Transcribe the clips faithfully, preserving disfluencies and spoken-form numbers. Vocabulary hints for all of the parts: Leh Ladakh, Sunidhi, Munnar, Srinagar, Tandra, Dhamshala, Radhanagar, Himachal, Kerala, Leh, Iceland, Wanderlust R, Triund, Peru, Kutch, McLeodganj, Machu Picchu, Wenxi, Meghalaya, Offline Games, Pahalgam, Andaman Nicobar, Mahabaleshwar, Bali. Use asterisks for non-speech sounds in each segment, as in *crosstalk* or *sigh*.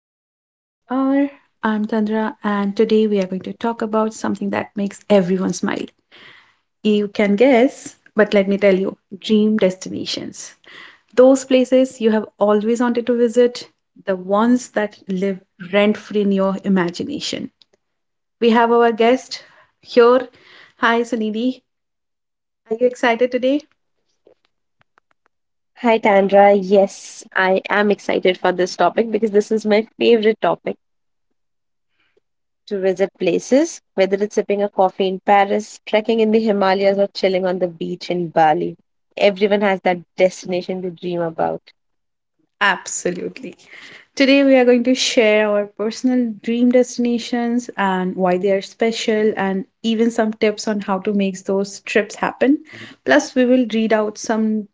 to Wanderlust R. I'm Tandra, and today we are going to talk about something that makes everyone smile. You can guess, but let me tell you dream destinations. Those places you have always wanted to visit, the ones that live rent free in your imagination. We have our guest here. Hi, Sunidhi. Are you excited today? Hi, Tandra. Yes, I am excited for this topic because this is my favorite topic to visit places, whether it's sipping a coffee in Paris, trekking in the Himalayas, or chilling on the beach in Bali. Everyone has that destination they dream about. Absolutely. Today, we are going to share our personal dream destinations and why they are special, and even some tips on how to make those trips happen. Plus, we will read out some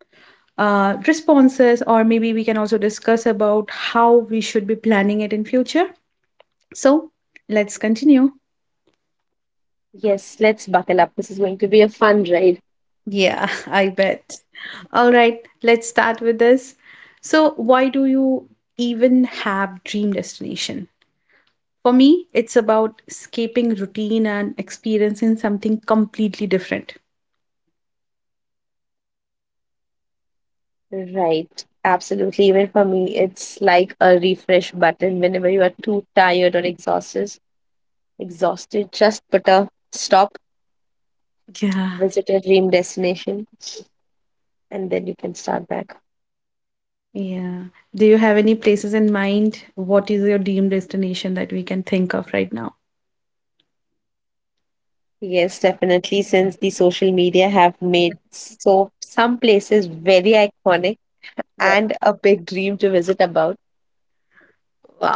uh, responses, or maybe we can also discuss about how we should be planning it in future. So, let's continue. Yes, let's buckle up. This is going to be a fun ride. Yeah, *laughs* I bet. All right, let's start with this. So, why do you even have dream destination? For me, it's about escaping routine and experiencing something completely different. Right, absolutely. Even for me, it's like a refresh button whenever you are too tired or exhausted. Exhausted, just put a stop, Yeah. visit a dream destination, and then you can start back. Yeah. Do you have any places in mind? What is your dream destination that we can think of right now? Yes, definitely. Since the social media have made so some places very iconic Yeah. and a big dream to visit about,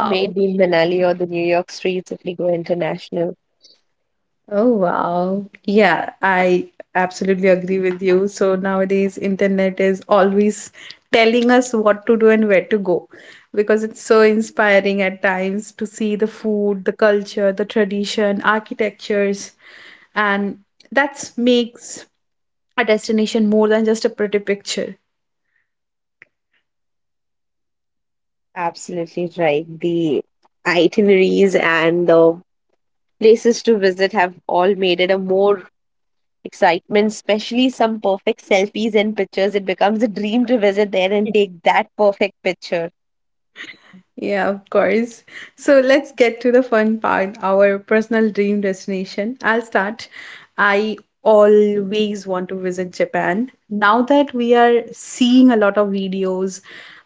may it be in Manali or the New York streets if we go international. Oh wow. Yeah, I absolutely agree with you. So nowadays internet is always telling us what to do and where to go because it's so inspiring at times to see the food, the culture, the tradition, architectures, and that makes a destination more than just a pretty picture. Absolutely right. The itineraries and the places to visit have all made it a more excitement, especially some perfect selfies and pictures. It becomes a dream to visit there and take that perfect picture. Yeah, of course. So let's get to the fun part, our personal dream destination. I'll start. I always want to visit Japan. Now that we are seeing a lot of videos,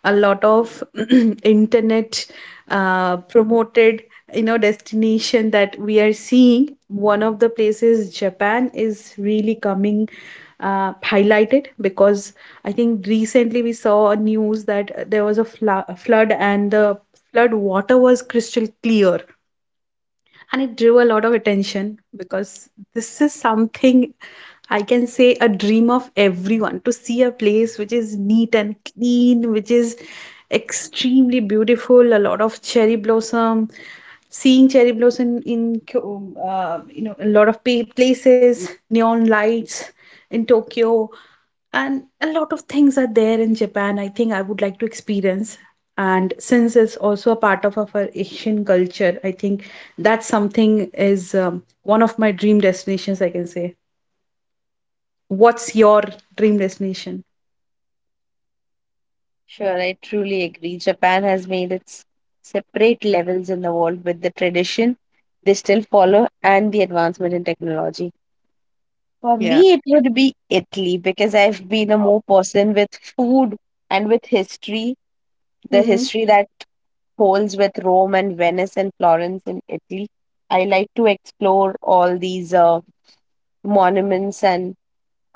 a lot of *clears throat* internet uh, promoted you know destination that we are seeing, one of the places, Japan is really coming uh, highlighted because I think recently we saw a news that there was a fla- flood and the flood water was crystal clear, and it drew a lot of attention because this is something I can say a dream of everyone to see a place which is neat and clean, which is extremely beautiful, a lot of cherry blossom, seeing cherry blossom in Kyo- uh, you know a lot of pa- places, neon lights in Tokyo, and a lot of things are there in Japan. I think I would like to experience, and since it's also a part of our Asian culture, I think that's something is um, one of my dream destinations, I can say. What's your dream destination? Sure, I truly agree. Japan has made its separate levels in the world with the tradition they still follow and the advancement in technology. For Yeah. me, it would be Italy because I've been a more person with food and with history, the Mm-hmm. history that holds with Rome and Venice and Florence in Italy. I like to explore all these uh, monuments and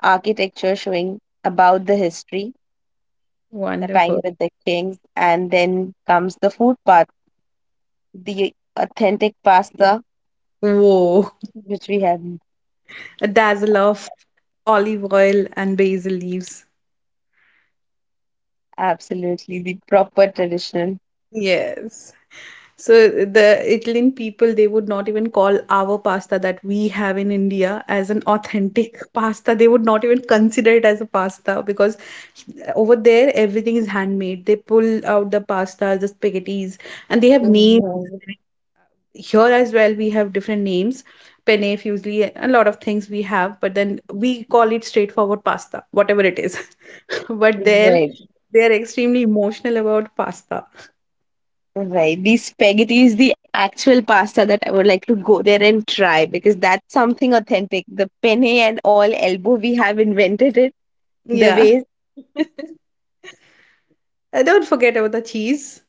architecture showing about the history, the time Wonderful. with the kings, and then comes the food part the authentic pasta, Whoa, which we have a dazzle of olive oil and basil leaves. absolutely the proper traditional. Yes. So the Italian people, they would not even call our pasta that we have in India as an authentic pasta. They would not even consider it as a pasta because over there everything is handmade. They pull out the pasta, the spaghettis, and they have names. Mhm. Here as well, we have different names, penne, fusilli, a lot of things we have, but then we call it straightforward pasta, whatever it is. *laughs* But there, Right, they are extremely emotional about pasta. Right. The spaghetti is the actual pasta that I would like to go there and try because that's something authentic. The penne and all elbow, we have invented it the Yeah. way. Uh, Don't forget about the cheese.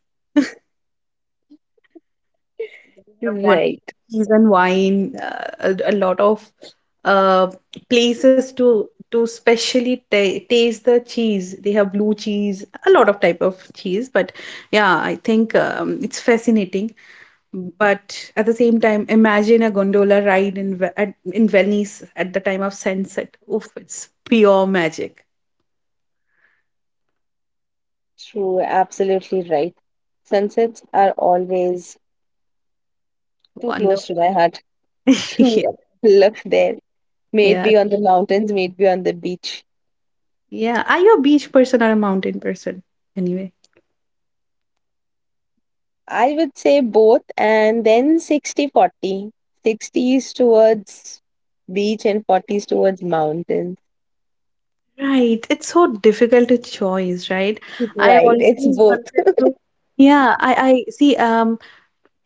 We have wonderful Right. season wine, uh, a, a lot of uh, places to to specially ta taste the cheese. They have blue cheese, a lot of type of cheese. But yeah, I think um, it's fascinating. But at the same time, imagine a gondola ride in Ve- at, in Venice at the time of sunset. Oof, it's pure magic. True. Absolutely right. Sunsets are always too close to Wonderful. my heart *laughs* *laughs* to Yeah, look there. May it yeah, be on the mountains, may it be on the beach. yeah. Are you a beach person or a mountain person? Anyway. I would say both, and then sixty 40 60 is towards beach and forty is towards mountains. Right. It's so difficult to choose, right? I Right, always it's both. wanted to, yeah, I I see um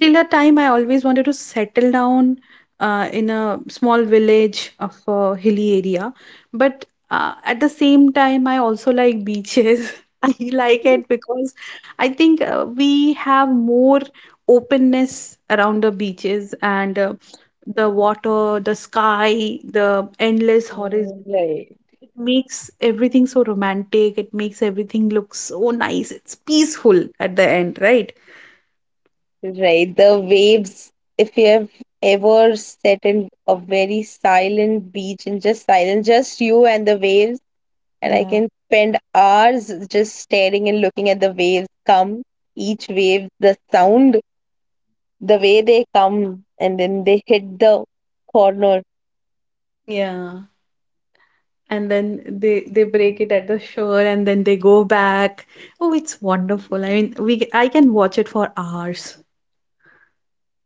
till the time I always wanted to settle down uh in a small village of a hilly area. But uh, at the same time I also like beaches. *laughs* I like it because I think uh, we have more openness around the beaches, and uh, the water, the sky, the endless horizon, *laughs* Right. it makes everything so romantic. It makes everything look so nice. It's peaceful at the end, right? Right, the waves. If you have ever sat in a very silent beach and just silent, just you and the waves, and I Yeah, can spend hours just staring and looking at the waves come, each wave, the sound, the way they come, and then they hit the corner. yeah. And then they they break it at the shore and then they go back. Oh, it's wonderful. I mean, we I can watch it for hours.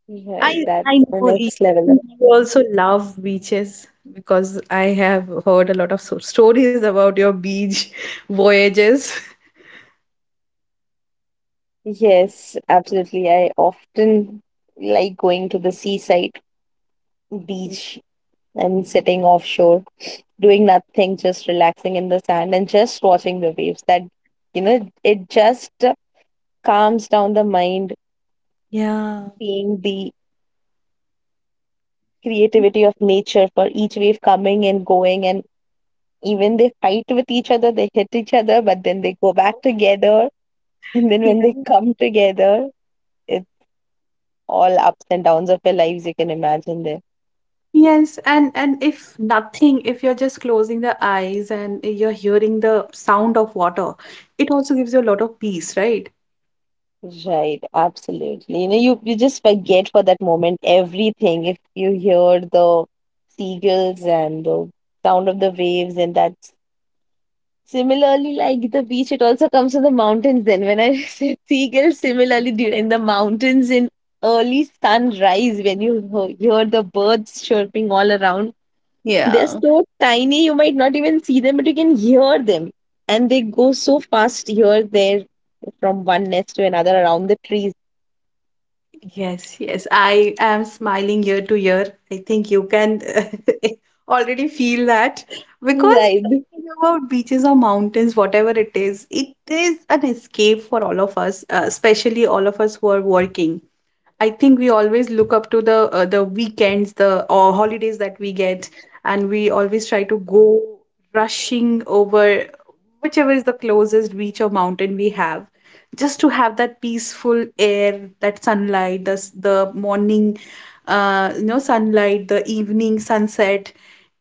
Right, I I that's the know you, next I level of think you also love beaches because I have heard a lot of so stories about your beach *laughs* voyages. peace. Yes, absolutely. I often like going to the seaside beach and sitting offshore, doing nothing, just relaxing in the sand and just watching the waves. That, you know, it just calms down the mind, Yeah. seeing the Yeah. creativity of nature for each wave coming and going. And even they fight with each other, they hit each other, but then they go back together. And then when they come together, it's all ups and downs of their lives you can imagine there. Yes, and and if nothing, if you're just closing the eyes and you're hearing the sound of water, it also gives you a lot of peace, right? Right, absolutely. You know, you, you just forget for that moment everything. If you hear the seagulls and the sound of the waves, and that's similarly like the beach, it also comes to the mountains. Then, when I *laughs* said seagulls, similarly dur- in the mountains in early sunrise, when you ho- hear the birds chirping all around, they're Yeah. so tiny you might not even see them, but you can hear them, and they go so fast here, there, from one nest to another around the trees. Yes, yes. I am smiling ear to ear. I think you can *laughs* already feel that because Right, talking about beaches or mountains, whatever it is, it is an escape for all of us, uh, especially all of us who are working. I think we always look up to the uh, the weekends, the or holidays that we get, and we always try to go rushing over whichever is the closest beach or mountain we have, just to have that peaceful air, that sunlight, the s- the morning, uh, you know, sunlight, the evening sunset.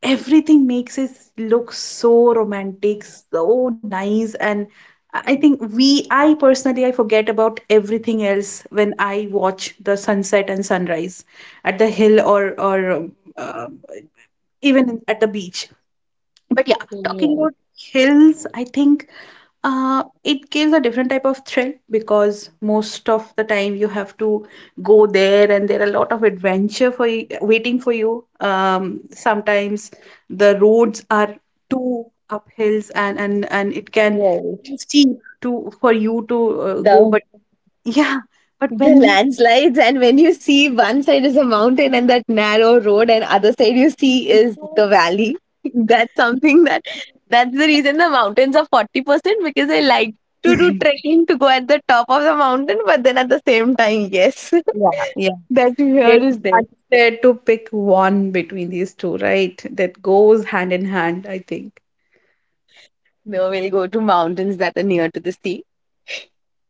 Everything makes it look so romantic, so nice, and I think we, I personally, I forget about everything else when I watch the sunset and sunrise at the hill or or um, uh, even at the beach. But yeah, talking right, about hills, I think uh, it gives a different type of thrill because most of the time you have to go there and there are a lot of adventure for you, waiting for you. Um, sometimes the roads are too uphills, and and and it can right. too steep to for you to uh, go. The But yeah, but the when you, landslides, and when you see one side is a mountain and that narrow road, and other side you see is the valley. *laughs* That's something that that's the reason the mountains are forty percent, because I like to do trekking to go at the top of the mountain, but then at the same time, yes, yeah. *laughs* that fear It's is there. unfair to pick one between these two, right? That goes hand in hand, I think. No, we'll go to mountains that are near to the sea. *laughs*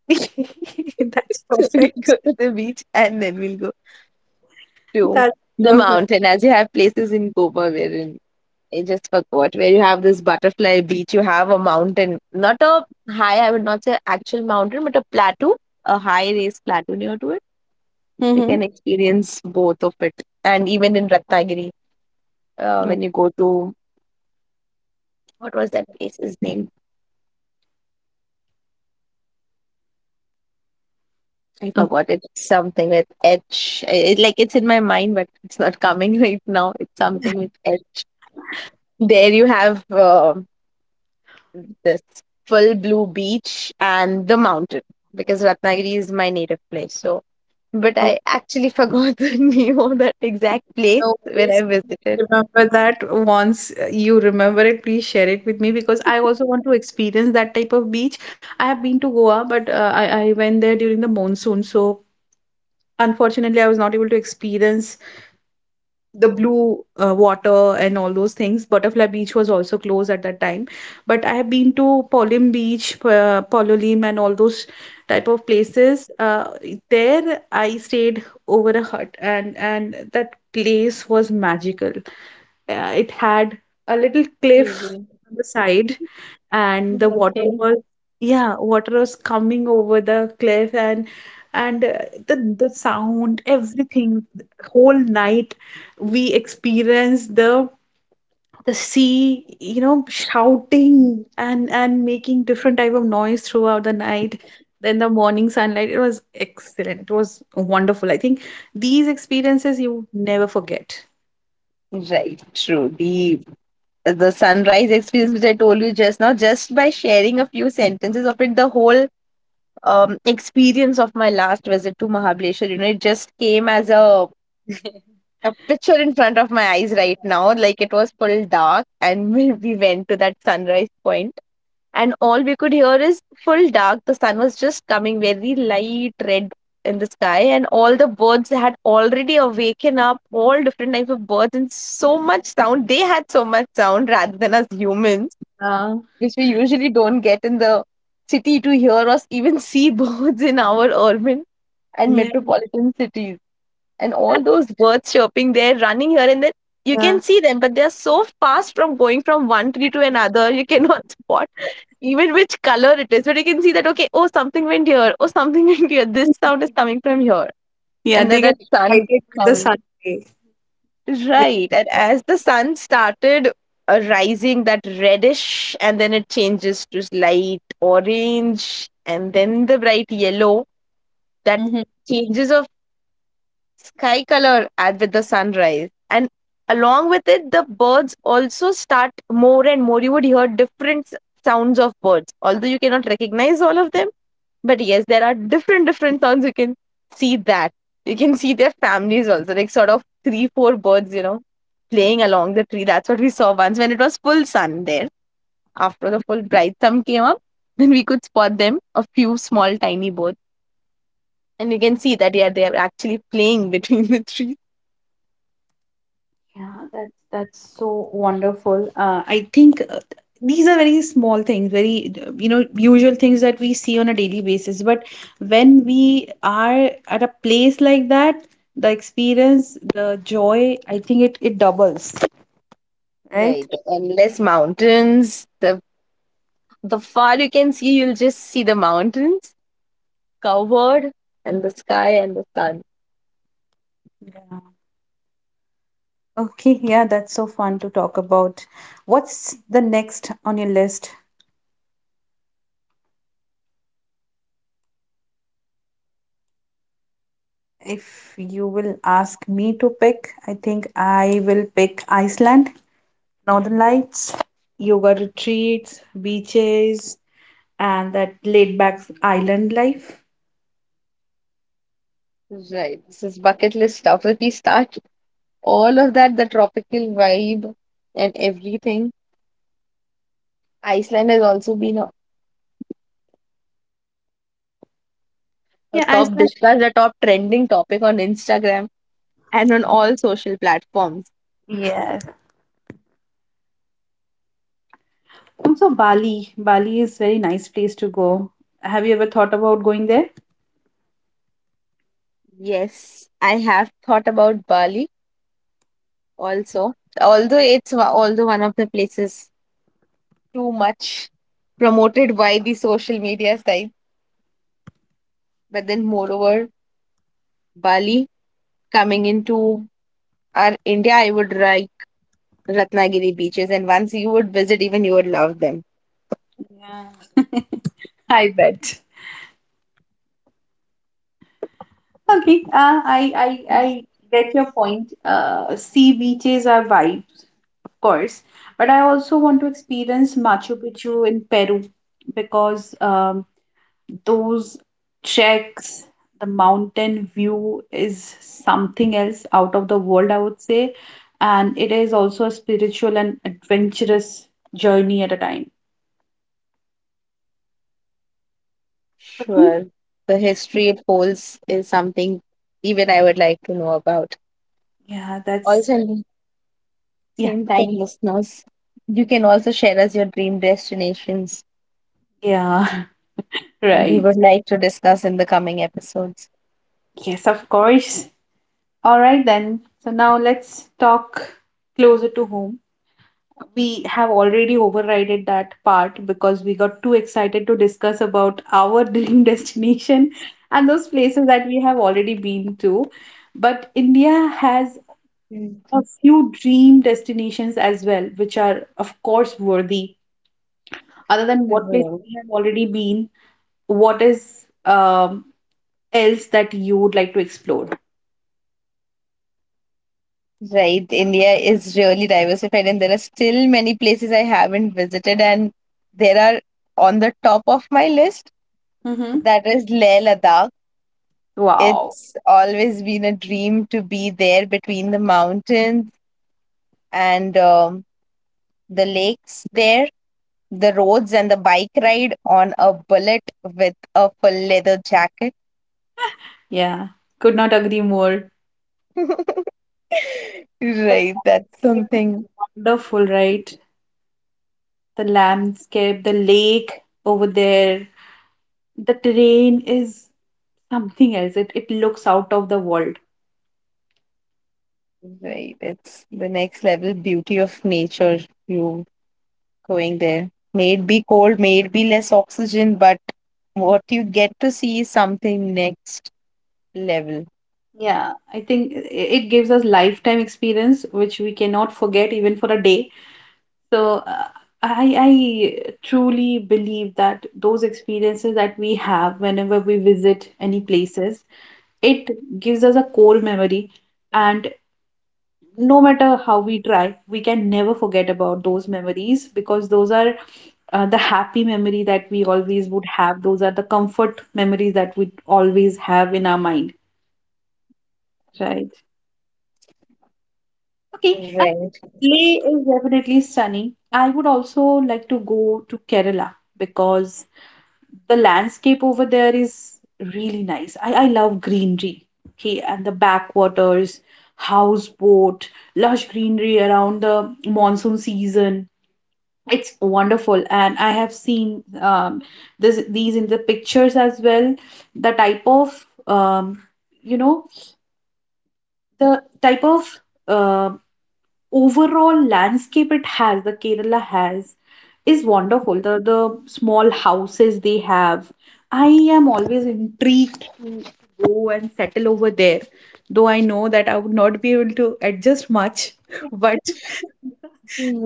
*laughs* That's So we'll perfect. go to the beach and then we'll go to That's the perfect. mountain, as you have places in Goa wherein I just forgot where you have this butterfly beach. You have a mountain, not a high. I would not say actual mountain, but a plateau, a high raised plateau near to it. You Mm-hmm. can experience both of it, and even in Ratnagiri, uh, when you go to what was that place's name? I forgot Okay. it. Something with H. I- It, like it's in my mind, but it's not coming right now. It's something with H. There you have uh, this full blue beach and the mountain because Ratnagiri is my native place. So but Oh, I actually forgot the *laughs* name of that exact place no when I worries. visited. Remember that once uh, you remember it, please share it with me because I also want to experience that type of beach. I have been to Goa, but uh, I, I went there during the monsoon. So unfortunately, I was not able to experience the blue uh, water and all those things. Butterfly Beach was also closed at that time. But I have been to Polim Beach, uh, Pololim, and all those type of places. Uh, there I stayed over a hut, and and that place was magical. Uh, it had a little cliff Really? on the side and the water Okay. was, yeah, water was coming over the cliff, and and uh, the the sound, everything, whole night we experienced the the sea, you know, shouting and and making different type of noise throughout the night. Then the morning sunlight, it was excellent, it was wonderful. I think these experiences you never forget. Right, truly. The sunrise experience, which I told you just now, just by sharing a few sentences of it, the whole um, experience of my last visit to Mahabaleshwar, you know, it just came as a, a picture in front of my eyes right now. Like it was full dark, and *laughs* we we went to that sunrise point. And all we could hear is full dark. The sun was just coming very light red in the sky, and all the birds had already awakened up, all different types of birds, and so much sound. They had so much sound rather than us humans, uh, which we usually don't get in the city to hear or even see *laughs* birds in our urban and yeah. metropolitan cities. And And, all those birds chirping, they're running here and there. You uh, can see them, but they're so fast from going from one tree to another you cannot *laughs* spot even which color it is. But you can see that, okay, oh something went here, oh something *laughs* went here, this sound is coming from here. yeah, And then they get that sun is excited with the coming. sunlight, with the Right, and sunlight. as the sun started uh, rising, that reddish, and then it changes to light orange, and then the bright yellow. That Mhm. changes sky color at with the sunrise, and along with it the birds also start more and more. You would hear different s- sounds of birds, although you cannot recognize all of them, but yes, there are different different sounds. You can see that, you can see their families also, like sort of three four birds, you know playing along the tree. That's what we saw once when it was full sun there. After the full bright sun came up, then we could spot them, a few small tiny birds, and you can see that, yeah, they are actually playing *laughs* between the trees. Yeah, that's that's so wonderful. Uh, I think uh, th- these are very small things, very uh, you know usual things that we see on a daily basis. But when we are at a place like that, the experience, the joy, I think it it doubles, right? Right, the endless mountains. The the far you can see, you'll just see the mountains covered, and the sky and the sun. Yeah. Okay. Yeah, that's so fun to talk about. What's the next on your list? If you will ask me to pick, I think I will pick Iceland. Northern Lights, yoga retreats, beaches, and that laid back island life. Right, this is bucket list stuff. If we start all of that, the tropical vibe and everything, Iceland has also been a, a Yeah, top Iceland. discussed, a top trending topic on Instagram and on all social platforms. Yeah. Also, Bali. Bali is very nice place to go. Have you ever thought about going there? Yes, I have thought about Bali also. Although it's wa- although one of the places too much promoted by the social media side, but then moreover, Bali coming into our India, I would like Ratnagiri beaches, and once you would visit, even you would love them. Yeah. I bet. Okay, uh, I, I I get your point. Uh, sea beaches are vibes, of course, but I also want to experience Machu Picchu in Peru because um, those checks, the mountain view is something else out of the world, I would say. And it is also a spiritual and adventurous journey at a time. Okay. Sure, the history it holds is something even I would like to know about. Yeah, Also, that's, in the yeah, same time, listeners, you can also share us your dream destinations yeah, *laughs* and we right. would like to discuss in the coming episodes. Yes, of course. All right, then. So now let's talk closer to home. We have already overrided that part because we got too excited to discuss about our *laughs* dream destination and those places that we have already been to. But India has Mm, a few dream destinations as well, which are, of course, worthy. Other than we what places will. we have already been, what is um, else that you would like to explore? Right, India is really diversified, and there are still many places I haven't visited, and there are on the top of my list. Mm-hmm. That is Leh Ladakh. Wow. It's always been a dream to be there between the mountains and um, the lakes there, the roads and the bike ride on a bullet with a full leather jacket. Yeah. Could not agree more. *laughs* The Right, that's landscape something. is wonderful, right? The landscape, the lake over there, the terrain is something else. It, it looks out of the world. Right, it's the next level beauty of nature. You going there. May it be cold, may it be less oxygen, but what you get to see is something next level. Yeah, I think i- it gives us lifetime experience which we cannot forget even for a day. So uh, I I truly believe that those experiences that we have whenever we visit any places, it gives us a core memory, and no matter how we try, we can never forget about those memories because those are uh, the happy memory that we always would have. Those are the comfort memories that we always have in our mind, right? Okay, uh, Right, Leh is definitely stunning. I would also like to go to Kerala because the landscape over there is really nice. I, I love greenery, okay, and the backwaters, houseboat, lush greenery around the monsoon season. It's wonderful, and I have seen um, this these in the pictures as well. The type of um, you know the type of um, overall landscape it has, the Kerala has, is wonderful. The the small houses they have. I am always intrigued to go and settle over there. Though I know that I would not be able to adjust much, *laughs* but *laughs*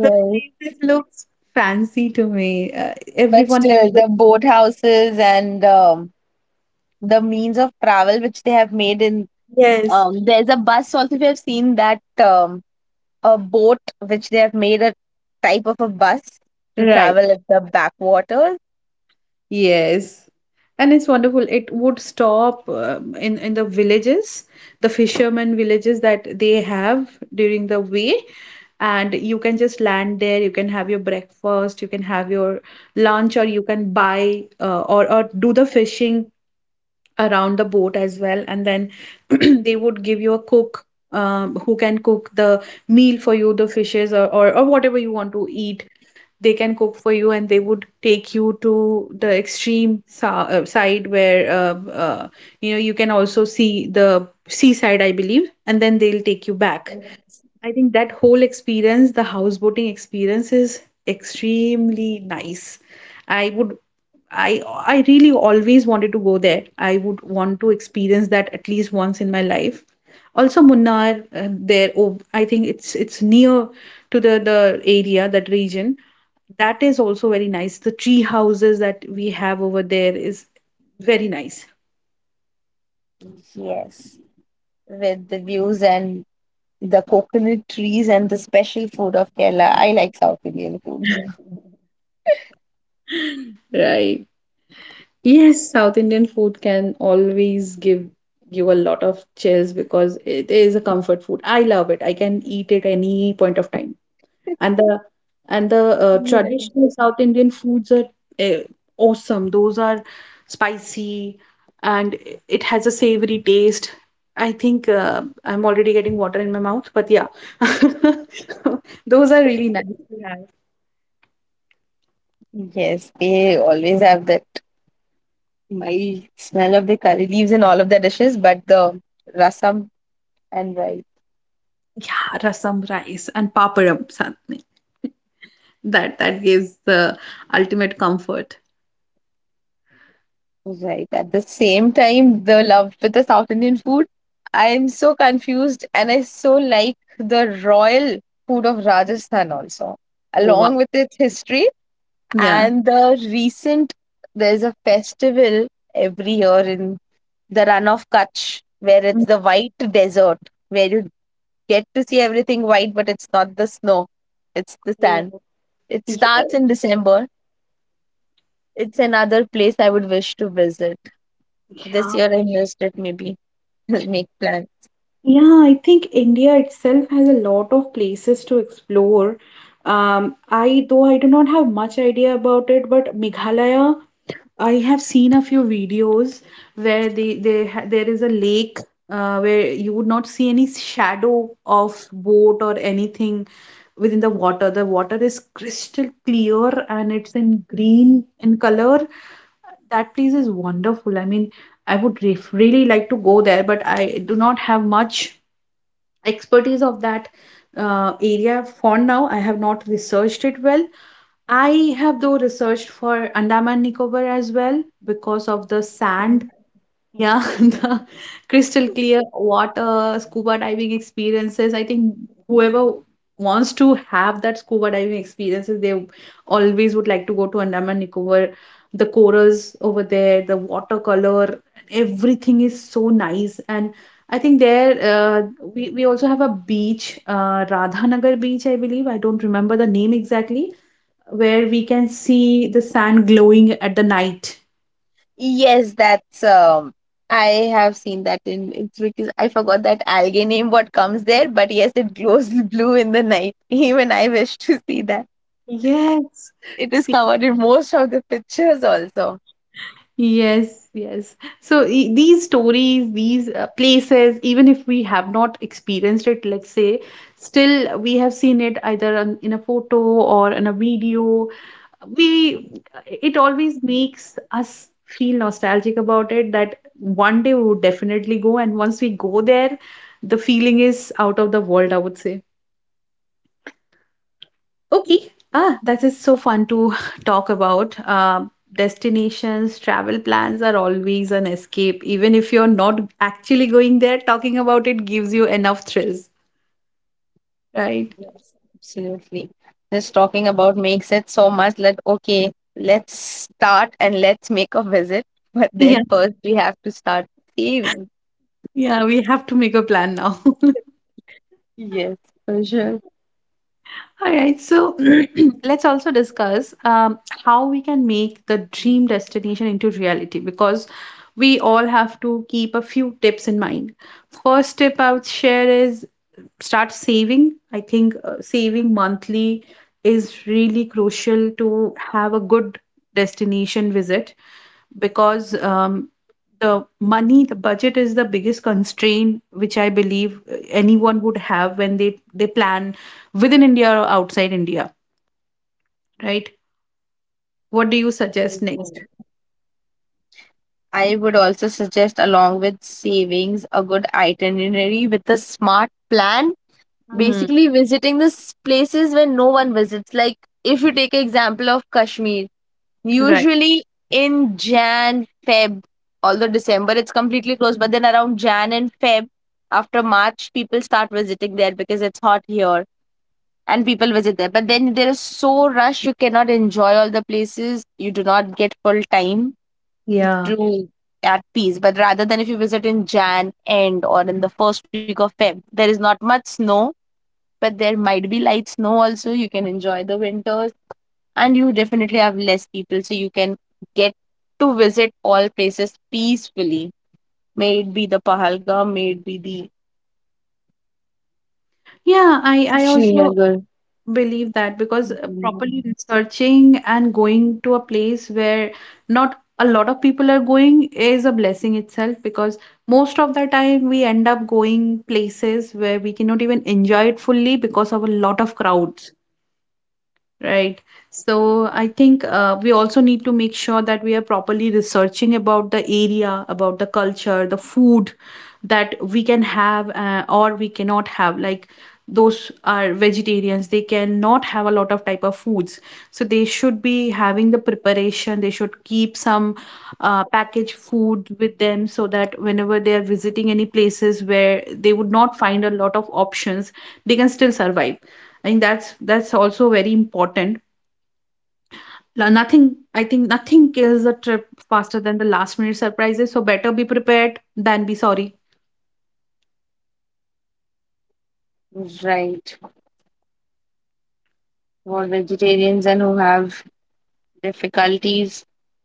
the places looks fancy to me. Uh, But Everyone still, has a. the boathouses and um, the means of travel which they have made in Yes. um, there's a bus also we have seen that, um, a boat which they have made a type of a bus to Right. travel at the backwaters. Yes, and it's wonderful. It would stop um, in in the villages, the fishermen villages that they have during the way, and you can just land there. You can have your breakfast, you can have your lunch, or you can buy uh, or or do the fishing around the boat as well. And then *clears throat* they would give you a cook um, who can cook the meal for you, the fishes or or, or whatever you want to eat, they can cook for you, and they would take you to the extreme sa- uh, side where uh, uh, you know you can also see the seaside, I believe, and then they'll take you back. I think that whole experience, the houseboating experience, is extremely nice. I would I I really always wanted to go there. I would want to experience that at least once in my life. Also, Munnar uh, there. Oh, I think it's it's near to the the area, that region. That is also very nice. The tree houses that we have over there is very nice. Yes, with the views and the coconut trees and the special food of Kerala. I like South Indian food. Right. Yes, South Indian food can always give you a lot of chills because it is a comfort food. I love it. I can eat it any point of time. *laughs* and the and the uh, Yes, traditional South Indian foods are uh, awesome. Those are spicy, and it has a savory taste. I think uh, I'm already getting water in my mouth, but yeah, *laughs* those are really nice to have. Yes, they always have that mild smell of the curry leaves in all of their dishes, but the rasam and rice. Yeah, rasam rice and papadam saath mein. That that gives the ultimate comfort. Right. At the same time, the love with the South Indian food, I am so confused and I so like the royal food of Rajasthan also, Oh wow! along with its history Yeah. and the recent, there's a festival every year in the run of Kutch where it's Mm. the white desert, where you get to see everything white, but it's not the snow, it's the sand. Yeah. It starts in December. It's another place I would wish to visit. This Yeah. year I missed it maybe. *laughs* make plan. Yeah, I think India itself has a lot of places to explore. Um, I though I do not have much idea about it, but Meghalaya, I have seen a few videos where they, they ha- there is a lake uh, where you would not see any shadow of boat or anything within the water. The water is crystal clear and it's in green in color. That place is wonderful. I mean, I would re- really like to go there, but I do not have much expertise of that uh, area. For now, I have not researched it well. I have, though, researched for Andaman Nicobar as well because of the sand. Yeah, *laughs* the crystal clear water, scuba diving experiences. I think whoever wants to have that scuba diving experiences, they always would like to go to Andaman Nicobar. The corals over there, the watercolor, everything is so nice. And I think there, uh, we, we also have a beach, uh, Radhanagar beach, I believe. I don't remember the name exactly, where we can see the sand glowing at the night. Yes, that's um I have seen that in it's because I forgot that algae name what comes there, but yes, it glows *laughs* blue in the night. *laughs* Even I wish to see that. Yes. It is See. covered in most of the pictures also. Yes, yes. So e- these stories, these uh, places, even if we have not experienced it, let's say, still we have seen it either on, in a photo or in a video. We, it always makes us feel nostalgic about it that one day we would definitely go, and once we go there, the feeling is out of the world, I would say. Okay. Ah, that is so fun to *laughs* talk about. Um, destinations, travel plans are always an escape. Even if you're not actually going there, talking about it gives you enough thrills, right? *laughs* Yes, absolutely. Just talking about makes it so much that, okay, let's start and let's make a visit. *laughs* But Yeah. then first we have to start saving. Yeah, we have to make a plan now. *laughs* Yes, for All right, so *clears throat* let's also discuss um, how we can make the dream destination into reality, because we all have to keep a few tips in mind. First tip I would share is, start saving. I think uh, saving monthly is really crucial to have a good destination visit, because um, the money, the budget is the biggest constraint which I believe uh, anyone would have when they they plan within India or outside India, right? What do you suggest next? sure. I would also suggest, along with savings, a good itinerary with a smart plan. Hmm. Basically, visiting the s- places where no one visits. Like, if you take example of Kashmir, Right. usually in Jan, Feb, although December it's completely closed, but then around Jan and Feb, after March, people start visiting there because it's hot here and people visit there. But then there is so rush, you cannot enjoy all the places. You do not get full time Yeah. to at peace. But rather than if you visit in Jan end or in the first week of Feb, there is not much snow, but there might be light snow also. You can enjoy the winters and you definitely have less people, so you can get to visit all places peacefully. May it be the Pahalgam, may it be the Yeah, I, I also Srinagar. believe that, because uh, Mhm. properly researching and going to a place where not a lot of people are going is a blessing itself, because most of the time we end up going places where we cannot even enjoy it fully because of a lot of crowds. Right. So I think uh, we also need to make sure that we are properly researching about the area, about the culture, the food that we can have uh, or we cannot have. Like, those are vegetarians, they cannot have a lot of type of foods. So they should be having the preparation. They should keep some uh, packaged food with them, so that whenever they are visiting any places where they would not find a lot of options, they can still survive. I think that's that's also very important. La- Nothing, I think, nothing kills a trip faster than the last minute surprises. So better be prepared than be sorry. Right. For vegetarians and who have difficulties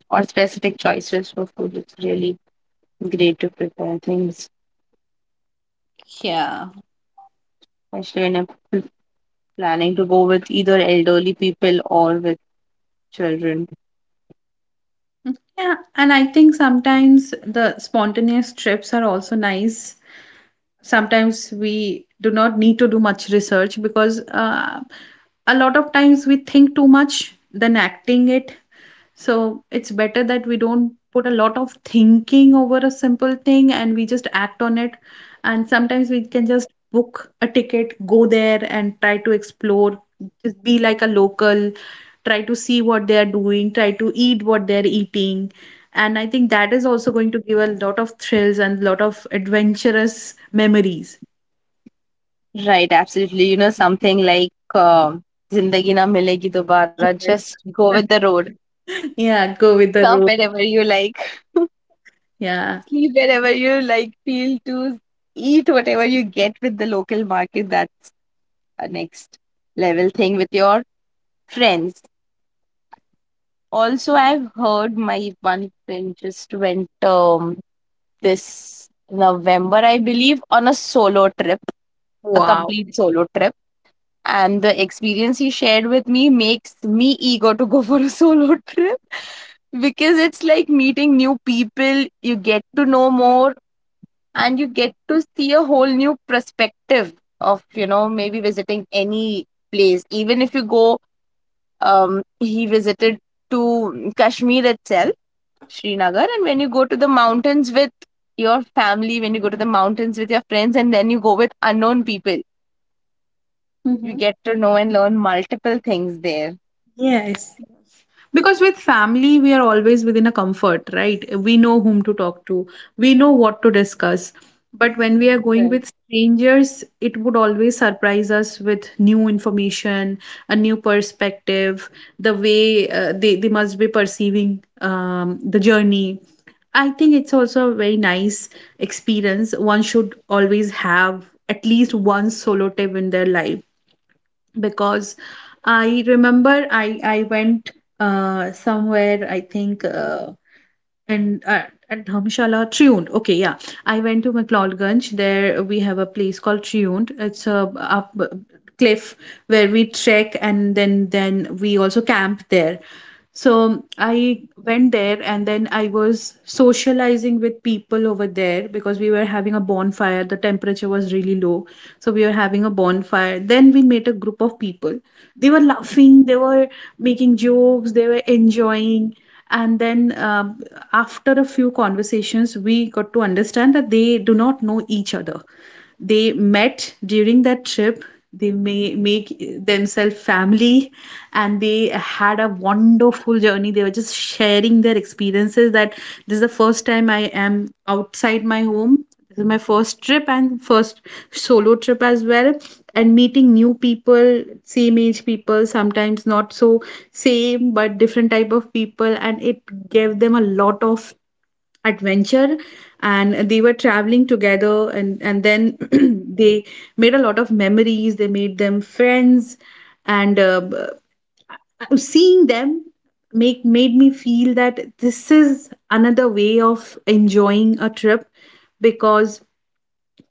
or specific choices for food, it's really great to prepare things. Yeah. Actually, I'm planning to go with either elderly people or with children. Yeah, and I think sometimes the spontaneous trips are also nice. Sometimes we do not need to do much research, because uh, a lot of times we think too much, then acting it. So it's better that we don't put a lot of thinking over a simple thing and we just act on it. And sometimes we can just book a ticket, go there and try to explore, just be like a local, try to see what they are doing, try to eat what they're eating. And I think that is also going to give a lot of thrills and lot of adventurous memories. Right, absolutely. You know, something like um, Zindagi Na Milegi Dobara. Just go Yes. with the road. *laughs* Yeah, go with the Stop road. wherever you like. *laughs* Yeah. Sleep wherever you like. Feel to eat whatever you get with the local market. That's a next level thing with your friends. Also, I've heard my one friend just went um, this November, I believe, on a solo trip, a Wow. complete solo trip. And the experience he shared with me makes me eager to go for a *laughs* solo trip, because it's like meeting new people, you get to know more, and you get to see a whole new perspective of, you know, maybe visiting any place. Even if you go, um, he visited to Kashmir itself, Srinagar, and when you go to the mountains with your family, when you go to the mountains with your friends, and then you go with unknown people, you Hmm. get to know and learn multiple things there. Yes. Because with family, we are always within a comfort, right? We know whom to talk to, we know what to discuss. But when we are going Right. with strangers, it would always surprise us with new information, a new perspective, the way uh, they, they must be perceiving um, the journey. I think it's also a very nice experience. One should always have at least one solo trip in their life, because I remember I I went uh, somewhere, I think, uh, and uh, at Dhamshala, Triund. Okay, yeah. I went to McLeodganj. There we have a place called Triund. It's a up cliff where we trek, and then then we also camp there. So I went there, and then I was socializing with people over there because we were having a bonfire. The temperature was really low. So we were having a bonfire. Then we met a group of people. They were laughing, they were making jokes, they were enjoying, and then um, after a few conversations we got to understand that they do not know each other. They met during that trip. They may make themselves family, and they had a wonderful journey. They were just sharing their experiences that this is the first time I am outside my home. This is my first trip and first solo trip as well. And meeting new people, same age people, sometimes not so same but different type of people, and it gave them a lot of adventure, and they were traveling together, and and then *clears throat* they made a lot of memories, they made them friends. And uh, b- seeing them make made me feel that this is another way of enjoying a trip, because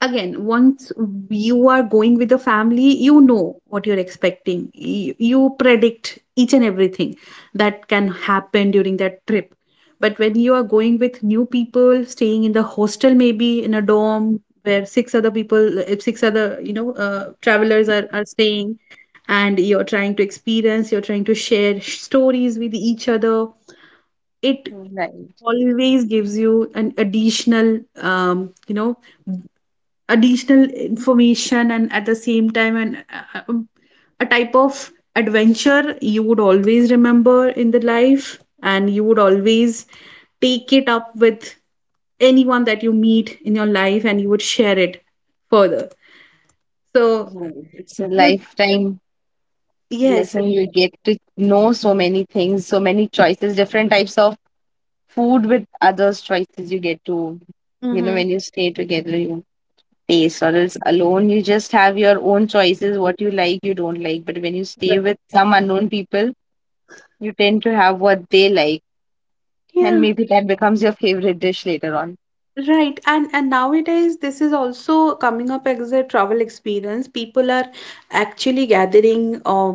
again, once you are going with the family, you know what you're expecting, you, you predict each and everything that can happen during that trip. But when you are going with new people, staying in the hostel, maybe in a dorm where six other people, if six other you know uh, travelers are, are staying, and you're trying to experience, you're trying to share stories with each other, it Right. always gives you an additional um, you know additional information. And at the same time, and uh, um, a type of adventure you would always remember in the life, and you would always take it up with anyone that you meet in your life, and you would share it further, so. Right. It's a lifetime Yes. lesson. You get to know so many things, so many choices, different types of food with others' choices. You get to, you know, Mm-hmm. when you stay together, you taste, or else alone, you just have your own choices, what you like, you don't like. But when you stay with some unknown people, you tend to have what they like. And Yeah. maybe that becomes your favorite dish later on. Right. And and nowadays this is also coming up as a travel experience. People are actually gathering, uh,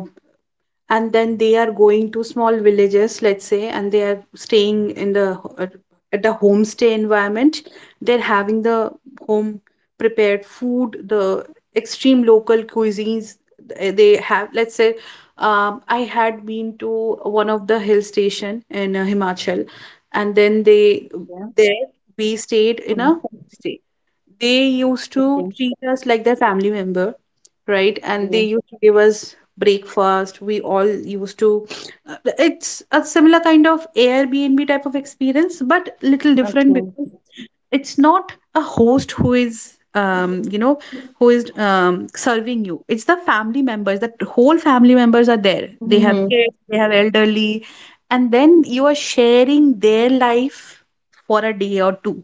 and then they are going to small villages, let's say, and they are staying in the at at a homestay environment. They're having the home prepared food, the extreme local cuisines th- they have, let's say. um, I had been to one of the hill station in uh, Himachal, and then they Yeah. there we stayed in a Mm. homestay. They used to Okay. treat us like their family member, right? And they Yeah. used to give us breakfast. We all used to. uh, It's a similar kind of Airbnb type of experience, but little different, Okay. because it's not a host who is um, you know who is um, serving you. It's the family members, that whole family members are there. They have Mhm. kids, they have elderly, and then you are sharing their life for a day or two,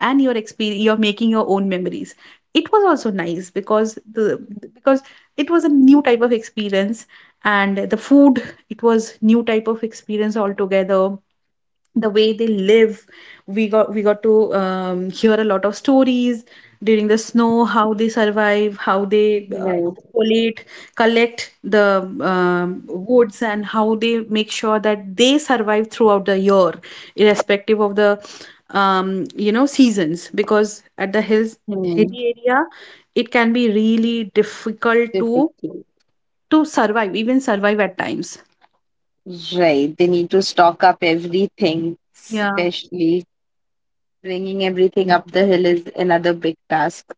and your experience, you're making your own memories. It was also nice because the because it was a new type of experience, and the food, it was new type of experience altogether, the way they live. We got we got to um, hear a lot of stories during the snow, how they survive, how they uh, Right. collate collect the um, woods, and how they make sure that they survive throughout the year irrespective of the um, you know seasons, because at the hills, Hmm. hilly area, it can be really difficult to Typically. to survive, even survive at times. Right. They need to stock up everything, Yeah. especially bringing everything up the hill is another big task.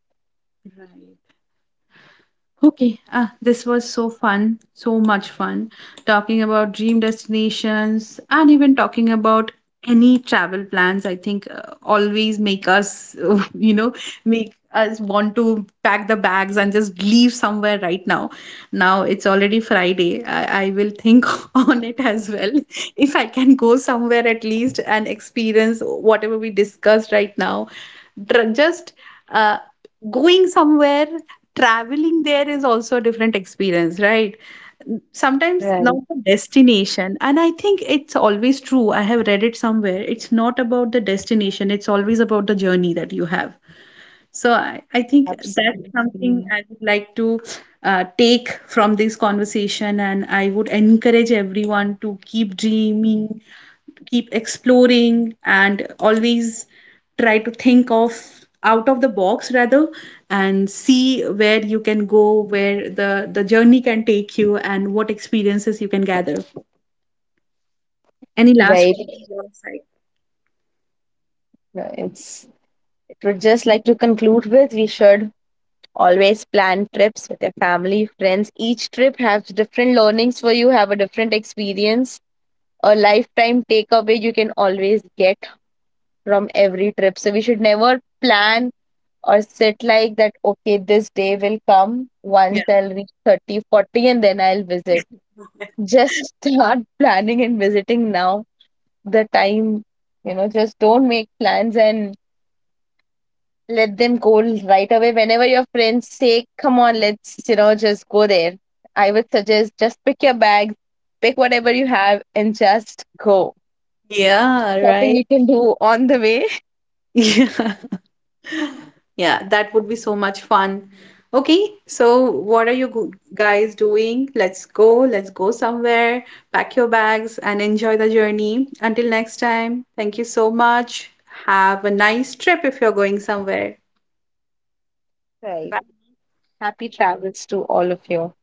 Right. Okay, ah, this was so fun, so much fun talking about dream destinations and even talking about any travel plans. I think uh, always make us, *laughs* you know, make us want to pack the bags and just leave somewhere right now. Now it's already Friday. I, I will think *laughs* on it as well. If I can go somewhere at least and experience whatever we discussed right now, Dr- just uh, going somewhere, traveling there is also a different experience, right? Sometimes Right, not the destination. And I think it's always true. I have read it somewhere. It's not about the destination, it's always about the journey that you have. So I, I think that's absolutely. something I would like to uh, take from this conversation. And I would encourage everyone to keep dreaming, keep exploring, and always try to think of out of the box rather, and see where you can go, where the the journey can take you and what experiences you can gather. Any last word from Right. your side? No, it's, it would just like to conclude with, we should always plan trips with your family, friends. Each trip has different learnings for you, have a different experience, a lifetime takeaway you can always get from every trip. So we should never plan or sit like that, okay, this day will come Yeah. once I'll reach thirty, forty, and then I'll visit. Just start *laughs* planning and visiting now, the time, you know, just don't make plans and let them go. Right away, whenever your friends say, come on, let's, you know, just go there, I would suggest just pick your bags, pick whatever you have and just go. Yeah, Shopping right. you can do on the way. *laughs* Yeah. Yeah, that would be so much fun. Okay, so what are you go- guys doing? Let's go. Let's go somewhere. Pack your bags and enjoy the journey. Until next time, thank you so much. Have a nice trip if you're going somewhere. *laughs* Right, Bye. happy travels to all of you.